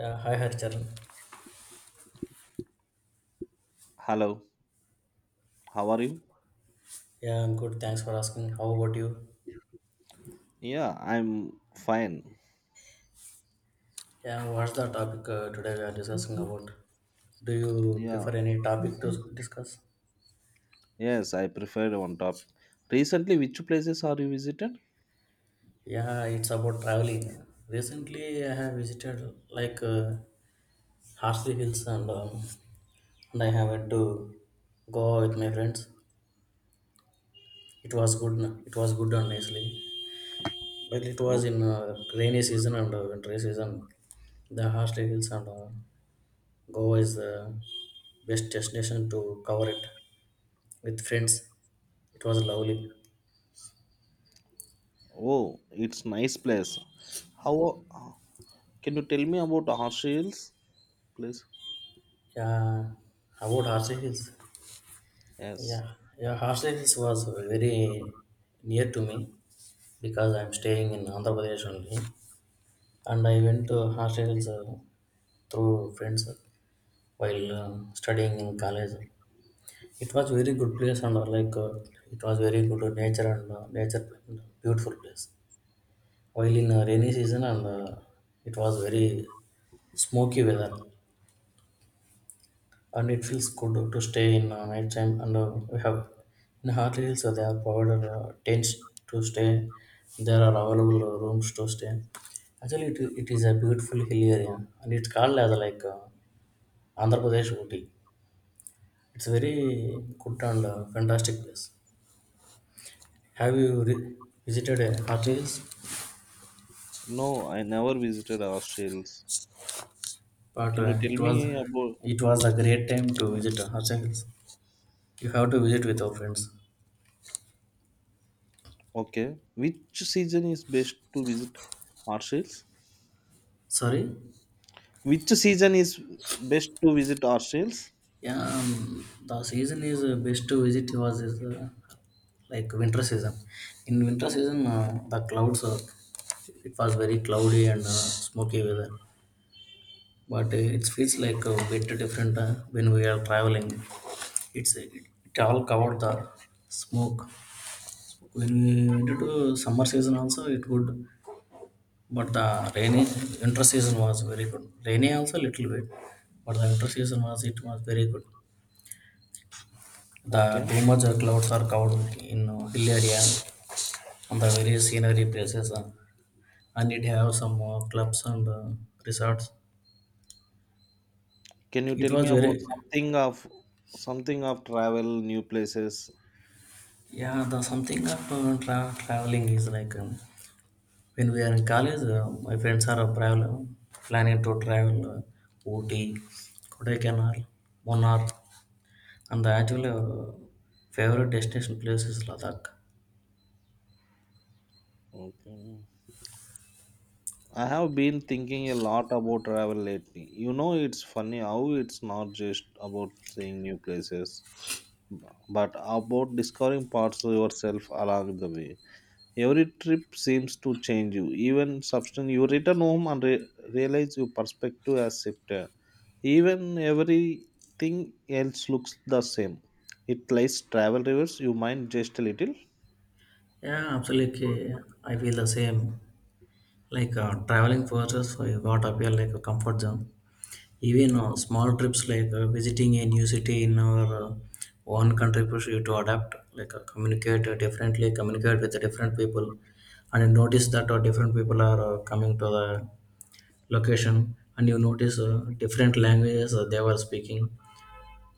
Yeah, hi Harcharan. Hello, how are you? Yeah, I'm good. Thanks for asking. How about you? Yeah, I'm fine. Yeah, what's the topic today we are discussing about? Do you Yeah, prefer any topic to discuss? yes, I preferred on top. Recently, which places are you visited? Yeah, it's about traveling. Recently, I have visited Harsley Hills and I have went to Goa with my friends. It was good. It was good, honestly. But it Oh, was in rainy season and winter season. The Harsley Hills and Goa is the best destination to cover it with friends. It was lovely. oh, it's nice place. How can you tell me about Australians, please? Yeah, about Harsi Hills. Yes. Yeah, yeah, Harsi Hills was very near to me because I'm staying in Andhra Pradesh only, and I went to Harsi Hills through friends while studying in college. It was very good place and it was very good nature, beautiful place. While in a rainy season, and it was very smoky weather, and it feels good to stay in night time, and we have in Hartley Hills, so they are provided tents to stay. There are available rooms to stay. Actually it is a beautiful hill area, and it's called as Andhra Pradesh Ooty. It's a very good and fantastic place. have you re- Visited Hartley Hills? No, I never visited Australians. But Can you tell it me was, about? it was a great time to visit Hartley Hills. You have to visit with your friends. Okay, which season is best to visit Australians? Sorry? Which season is best to visit Australians? Yeah, the season is best to visit was is like winter season. In winter season, the clouds are, it was very cloudy and smoky weather. But it feels like a bit different when we are traveling. It's it, it all covered the smoke. When we went to summer season also, it good. But the rainy winter season was very good. Rainy also little bit, but the winter season was it was very good. The Okay. too much clouds are covered in hill area, and the various scenery places and it have some clubs and resorts. Can you It tell me was about very something of travel, new places? yeah, the something of traveling is like when we are in college, my friends are travel, planning to travel Ooty, Kodaikanal, Munnar, and the actual favorite destination place is Ladakh. Okay. I have been thinking a lot about travel lately. You know, it's funny how it's not just about seeing new places, but about discovering parts of yourself along the way. Every trip seems to change you. Even substance, you return home and realize your perspective has shifted. Even everything else looks the same. It lies travel reverse your mind just a little. Yeah, absolutely. I feel the same. Like traveling forces what appear like a comfort zone. Even small trips like visiting a new city in our one country push you to adapt, like communicate differently, communicate with the different people, and you notice that different people are coming to the location, and you notice different languages they were speaking.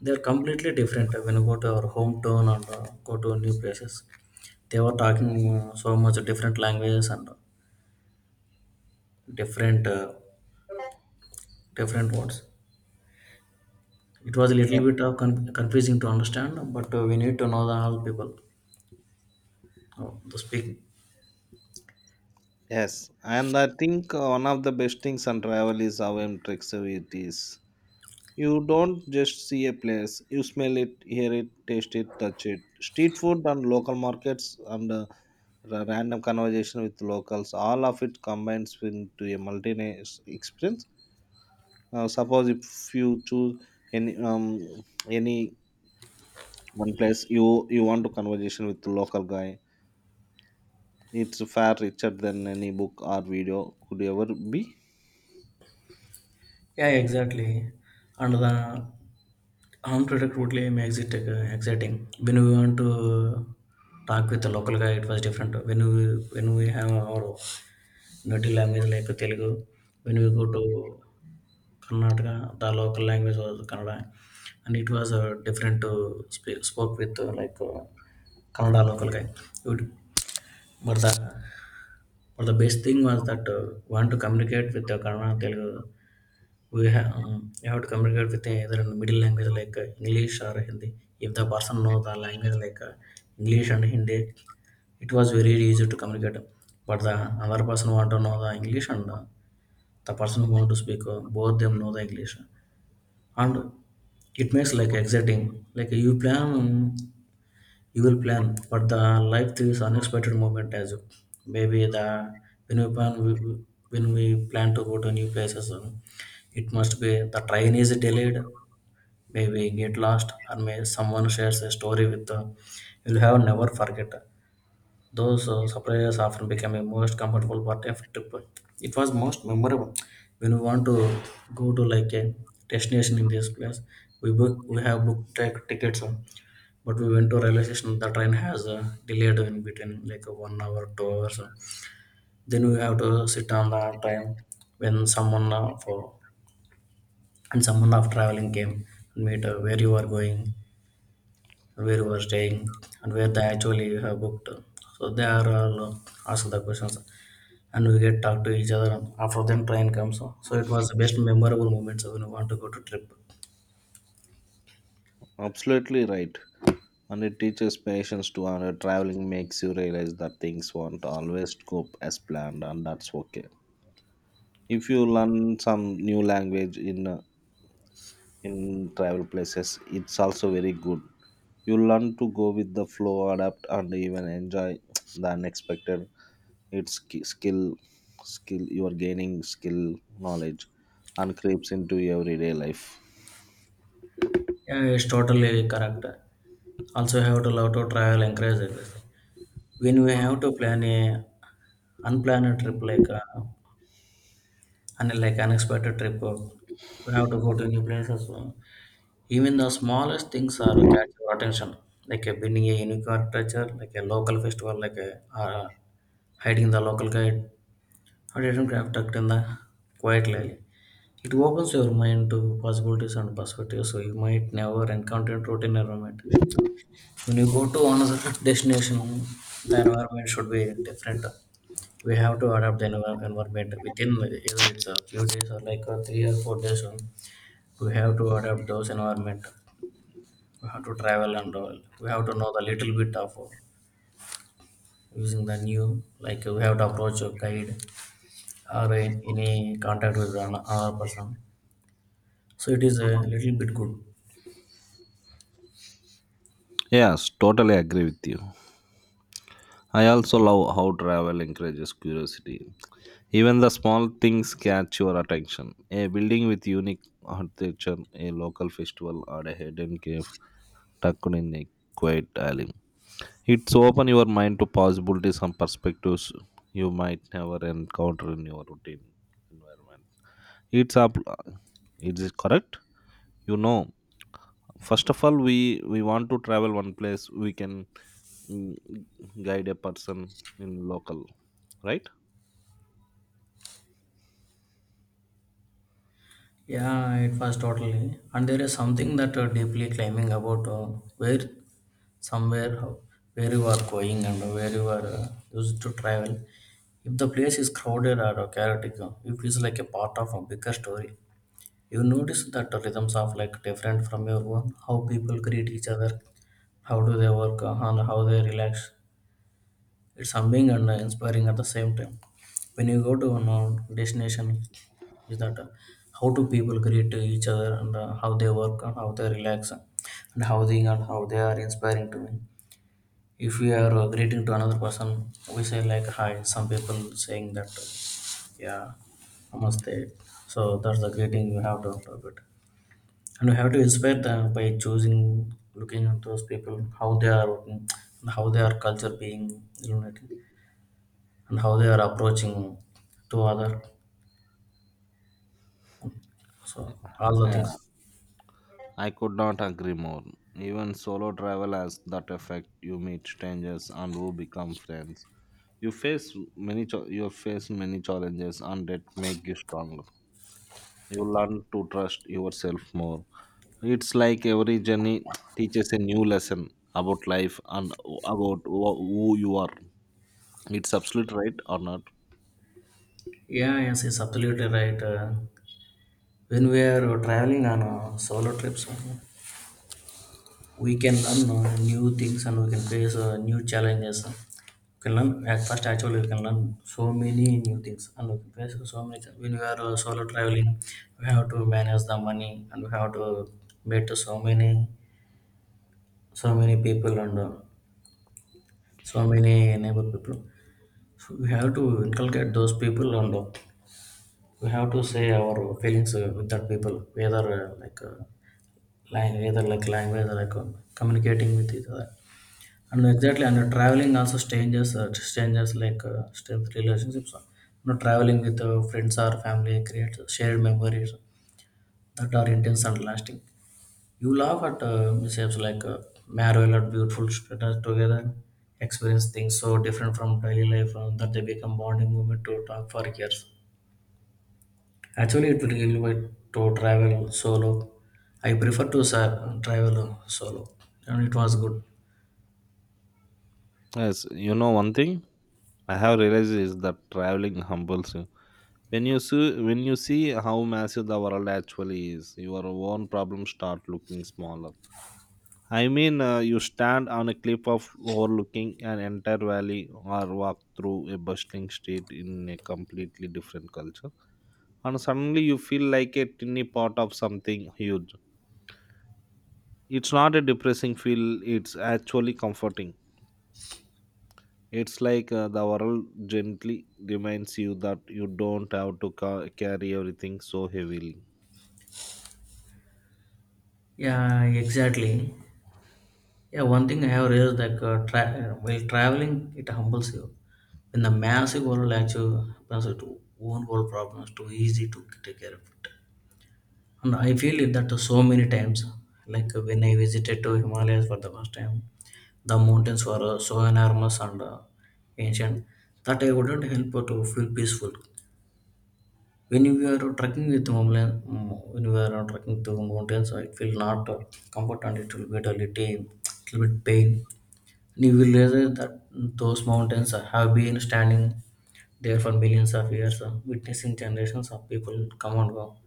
They are completely different when you go to our hometown and go to new places. They were talking so much different languages and different different words. It was a little bit of confusing to understand, but we need to know the all people to speak. Yes, and I think one of the best things on travel is how impressive it is. You don't just see a place, you smell it, hear it, taste it, touch it. Street food and local markets and random conversation with locals, all of it combines into a multinational experience. Suppose if you choose any um, any one place, you want to conversation with the local guy. It's far richer than any book or video could ever be. Yeah, yeah, exactly. And the armed product unpredictably makes it exciting. When we want to talk with the local guy, it was different. When we, when we have our native language like Telugu, when we go to Karnataka, the local language was Kannada, and it was different to speak spoke with Kannada local guy. It would- but the, but the best thing was that want to communicate with the Kannada Telugu, we have you have to communicate with either in the middle language like English or Hindi. If the person know the language like English and Hindi, it was very easy to communicate. But the other person want to know the English, and the person who want to speak both them know the English, and it makes like exciting. Like you plan. You will plan, but the life throws unexpected moment as you, maybe the, when we plan, when we plan to go to new places. It must be the train is delayed, maybe get lost, or may someone shares a story with you'll have never forget. Those surprises often become a most comfortable part of trip. It was most memorable when we want to go to like a destination in this place. We have booked tickets, but we went to railway station. The train has delayed in between like 1 hour 2 hours, then we have to sit on the train. When someone for and someone of traveling came and meet where you are going, where you are staying, and where they actually you have booked. So they are all ask the questions, and we get talk to each other. After then train comes, so it was the best memorable moments when we want to go to trip. Absolutely right. And it teaches patience to honor. Traveling makes you realize that things won't always go as planned, and that's okay. If you learn some new language in travel places, it's also very good. You learn to go with the flow, adapt, and even enjoy the unexpected. It's skill. You are gaining skill, knowledge, and creeps into everyday life. Yeah, it's totally correct. Also, have to love to travel encourage everything. When we have to plan a unplanned trip, like and like unexpected trip, we have to go to new places. Even the smallest things are catch your attention, like winning a unique architecture, like a local festival, like a hiding the local guide, or even craft tucked in the quiet alley. It opens your mind to possibilities and perspectives, so you might never encounter in routine environment. When you go to another destination, the environment should be different. We have to adapt the environment within either it's a few days or like a 3 or 4 days. We have to adapt those environment. We have to travel and all. We have to know the little bit of using the new. Like we have to approach a guide or in, any contact with another person. So it is a little bit good. Yes, totally agree with you. I also love how travel encourages curiosity. Even the small things catch your attention. A building with unique architecture, a local festival, or a hidden cave tucked in a quiet alley. It's open your mind to possibilities and perspectives you might never encounter in your routine environment. It's up. It is correct. You know, first of all, we want to travel one place. We can mm, guide a person in local, right? Yeah, it was totally. And there is something that deeply claiming about where, somewhere, where you are going and where you are used to travel. If the place is crowded or chaotic, you feel like a part of a bigger story. You notice that the rhythms are like different from your own. How people greet each other, how do they work, and how they relax. It's humbling and inspiring at the same time. When you go to an destination, is that how do people greet to each other, and how they work, and how they relax, and how they, and how they are inspiring to me. If we are greeting to another person, we say like hi. Some people saying that yeah, namaste. So that's the greeting you have to interpret, and we have to inspire them by choosing, looking at those people, how they are working, and how their culture being illuminated, and how they are approaching to other, so all the Yeah, things. I could not agree more. Even solo travel has that effect. You meet strangers and who become friends. You face many you face many challenges and that make you stronger. You learn to trust yourself more. It's like every journey teaches a new lesson about life and about who you are. It's absolute right or not? Yeah, yes, it's absolutely right. When we are traveling on solo trips, we can learn new things, and we can face new challenges. We can learn at first, actually we can learn so many new things, and we can face so many things. When we are solo traveling, we have to manage the money, and we have to meet so many, so many people, and so many neighbor people. So, we have to inculcate those people, and we have to say our feelings with that people, whether either like language or like communicating with each other, and exactly. And traveling also changes like strength relationships. You know, traveling with friends or family creates shared memories that are intense and lasting. You laugh at mishaps like marvel at beautiful strangers together, experience things so different from daily life that they become bonding moment to talk for years. Actually, it will give me to travel solo. I prefer to travel solo, and it was good. Yes, you know one thing I have realized is that traveling humbles you. When you see how massive the world actually is, your own problems start looking smaller. I mean, you stand on a cliff of overlooking an entire valley or walk through a bustling street in a completely different culture, and suddenly you feel like a tiny part of something huge. It's not a depressing feel, it's actually comforting. It's like the world gently reminds you that you don't have to carry everything so heavily. Yeah, exactly. Yeah, one thing I have realized that while traveling, it humbles you. In the massive world, actually, happens to own world problems too easy to take care of it. And I feel it that so many times, like when I visited to Himalayas for the first time, the mountains were so enormous and ancient, that I wouldn't help but to feel peaceful. When we are trekking with mountain, when we are trekking to mountains, so it will not comfort, and it will be a little, little bit pain. And you will realize that those mountains have been standing there for millions of years, witnessing generations of people come and go.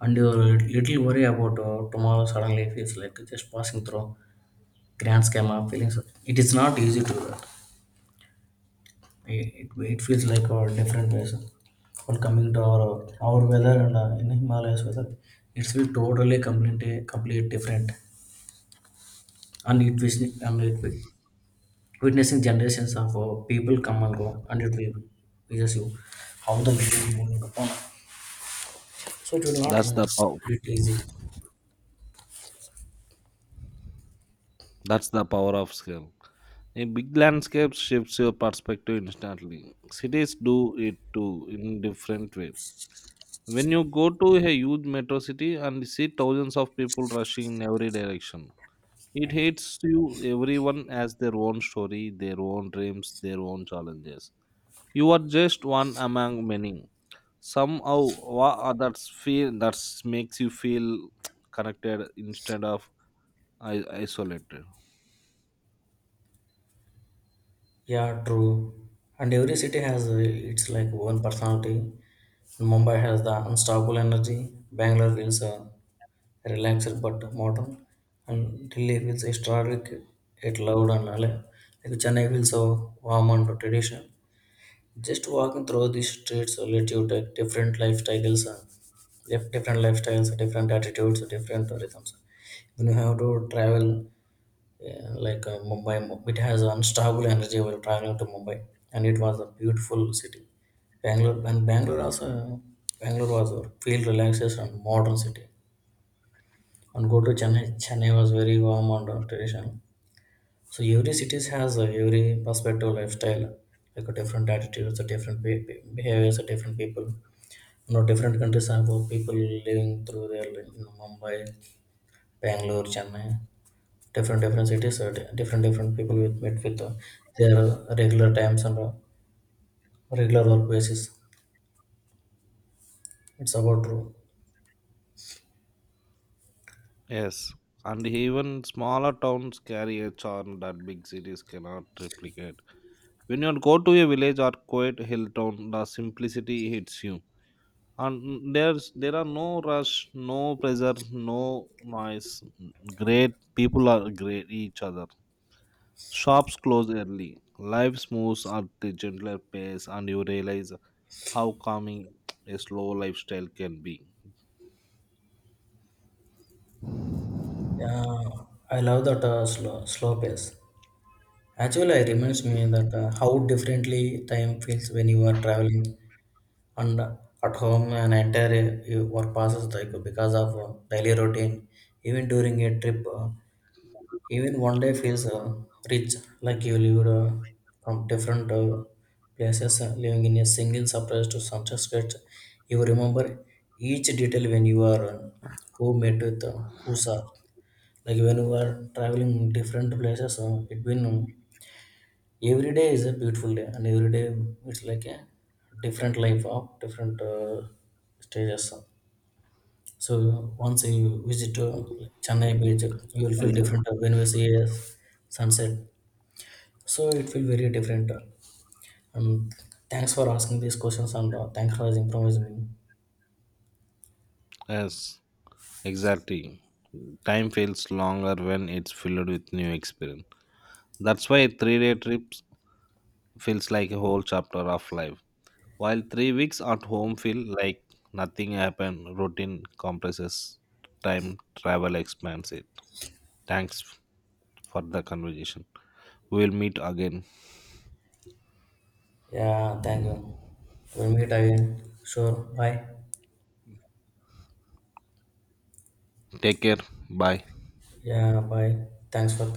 And your little worry about tomorrow suddenly feels like just passing through grand scheme of feelings. It is not easy to, it feels like a different person while coming to our weather and in Himalayas weather, it's will totally complete different, and it witnessing generations of people come and go, and it will, we, you, how the wind is moving upon, so it will not that's like the power bit easy. That's the power of scale. A big landscape shifts your perspective instantly. Cities do it too in different way. When you go to a huge metro city and see thousands of people rushing in every direction, it hits you everyone has their own story, their own dreams, their own challenges. You are just one among many. Somehow that's feel that makes you feel connected instead of isolated. Yeah, true. And every city has its like own personality. Mumbai has the unstoppable energy. Bangalore feels relaxed but modern, and Delhi feels historic yet loud and alive. Like Chennai feels so warm and traditional. Just walking through these streets will let you take different lifestyles, and different lifestyles, different attitudes, different rhythms. When you have to travel, yeah, like Mumbai, it has unstoppable energy while traveling to Mumbai, and it was a beautiful city. Bangalore also, Bangalore was a feel relaxation and modern city, and go to Chennai. Chennai was very warm and traditional. So every cities has every perspective, lifestyle, like a different attitudes, a different behaviors, a different people. You know, different countries have people living through their, like, you know, Mumbai, Bangalore, Chennai. Different cities, different different people with meet with their regular times, and regular work basis. It's about true. Yes, and even smaller towns carry a charm that big cities cannot replicate. When you go to a village or quiet hill town, the simplicity hits you. And there are no rush, no pressure, no noise. Great people are great each other. Shops close early. Life moves at a gentler pace, and you realize how calming a slow lifestyle can be. Yeah, I love that slow pace. Actually, I reminds me that how differently time feels when you are traveling, and at home an entire work passes like, because of daily routine. Even during a trip, even 1 day feels rich, like you lived from different places, living in a single surprise to sunsets. You remember each detail when you are who met with who saw. Like when you are traveling different places, it been. Every day is a beautiful day, and every day it's like a different life of different stages. So once you visit Chennai beach, you will feel Exactly. different when you see a sunset. So it feel very different. And thanks for asking these questions, and thanks for improvising me. Yes. Exactly. Time feels longer when it's filled with new experience. That's why 3 day trips feels like a whole chapter of life. While 3 weeks at home feel like nothing happened, routine compresses time, travel expands it. Thanks for the conversation. We will meet again. Yeah, thank you. We'll meet again. Sure. Bye. Take care. Bye. Yeah, bye. Thanks for.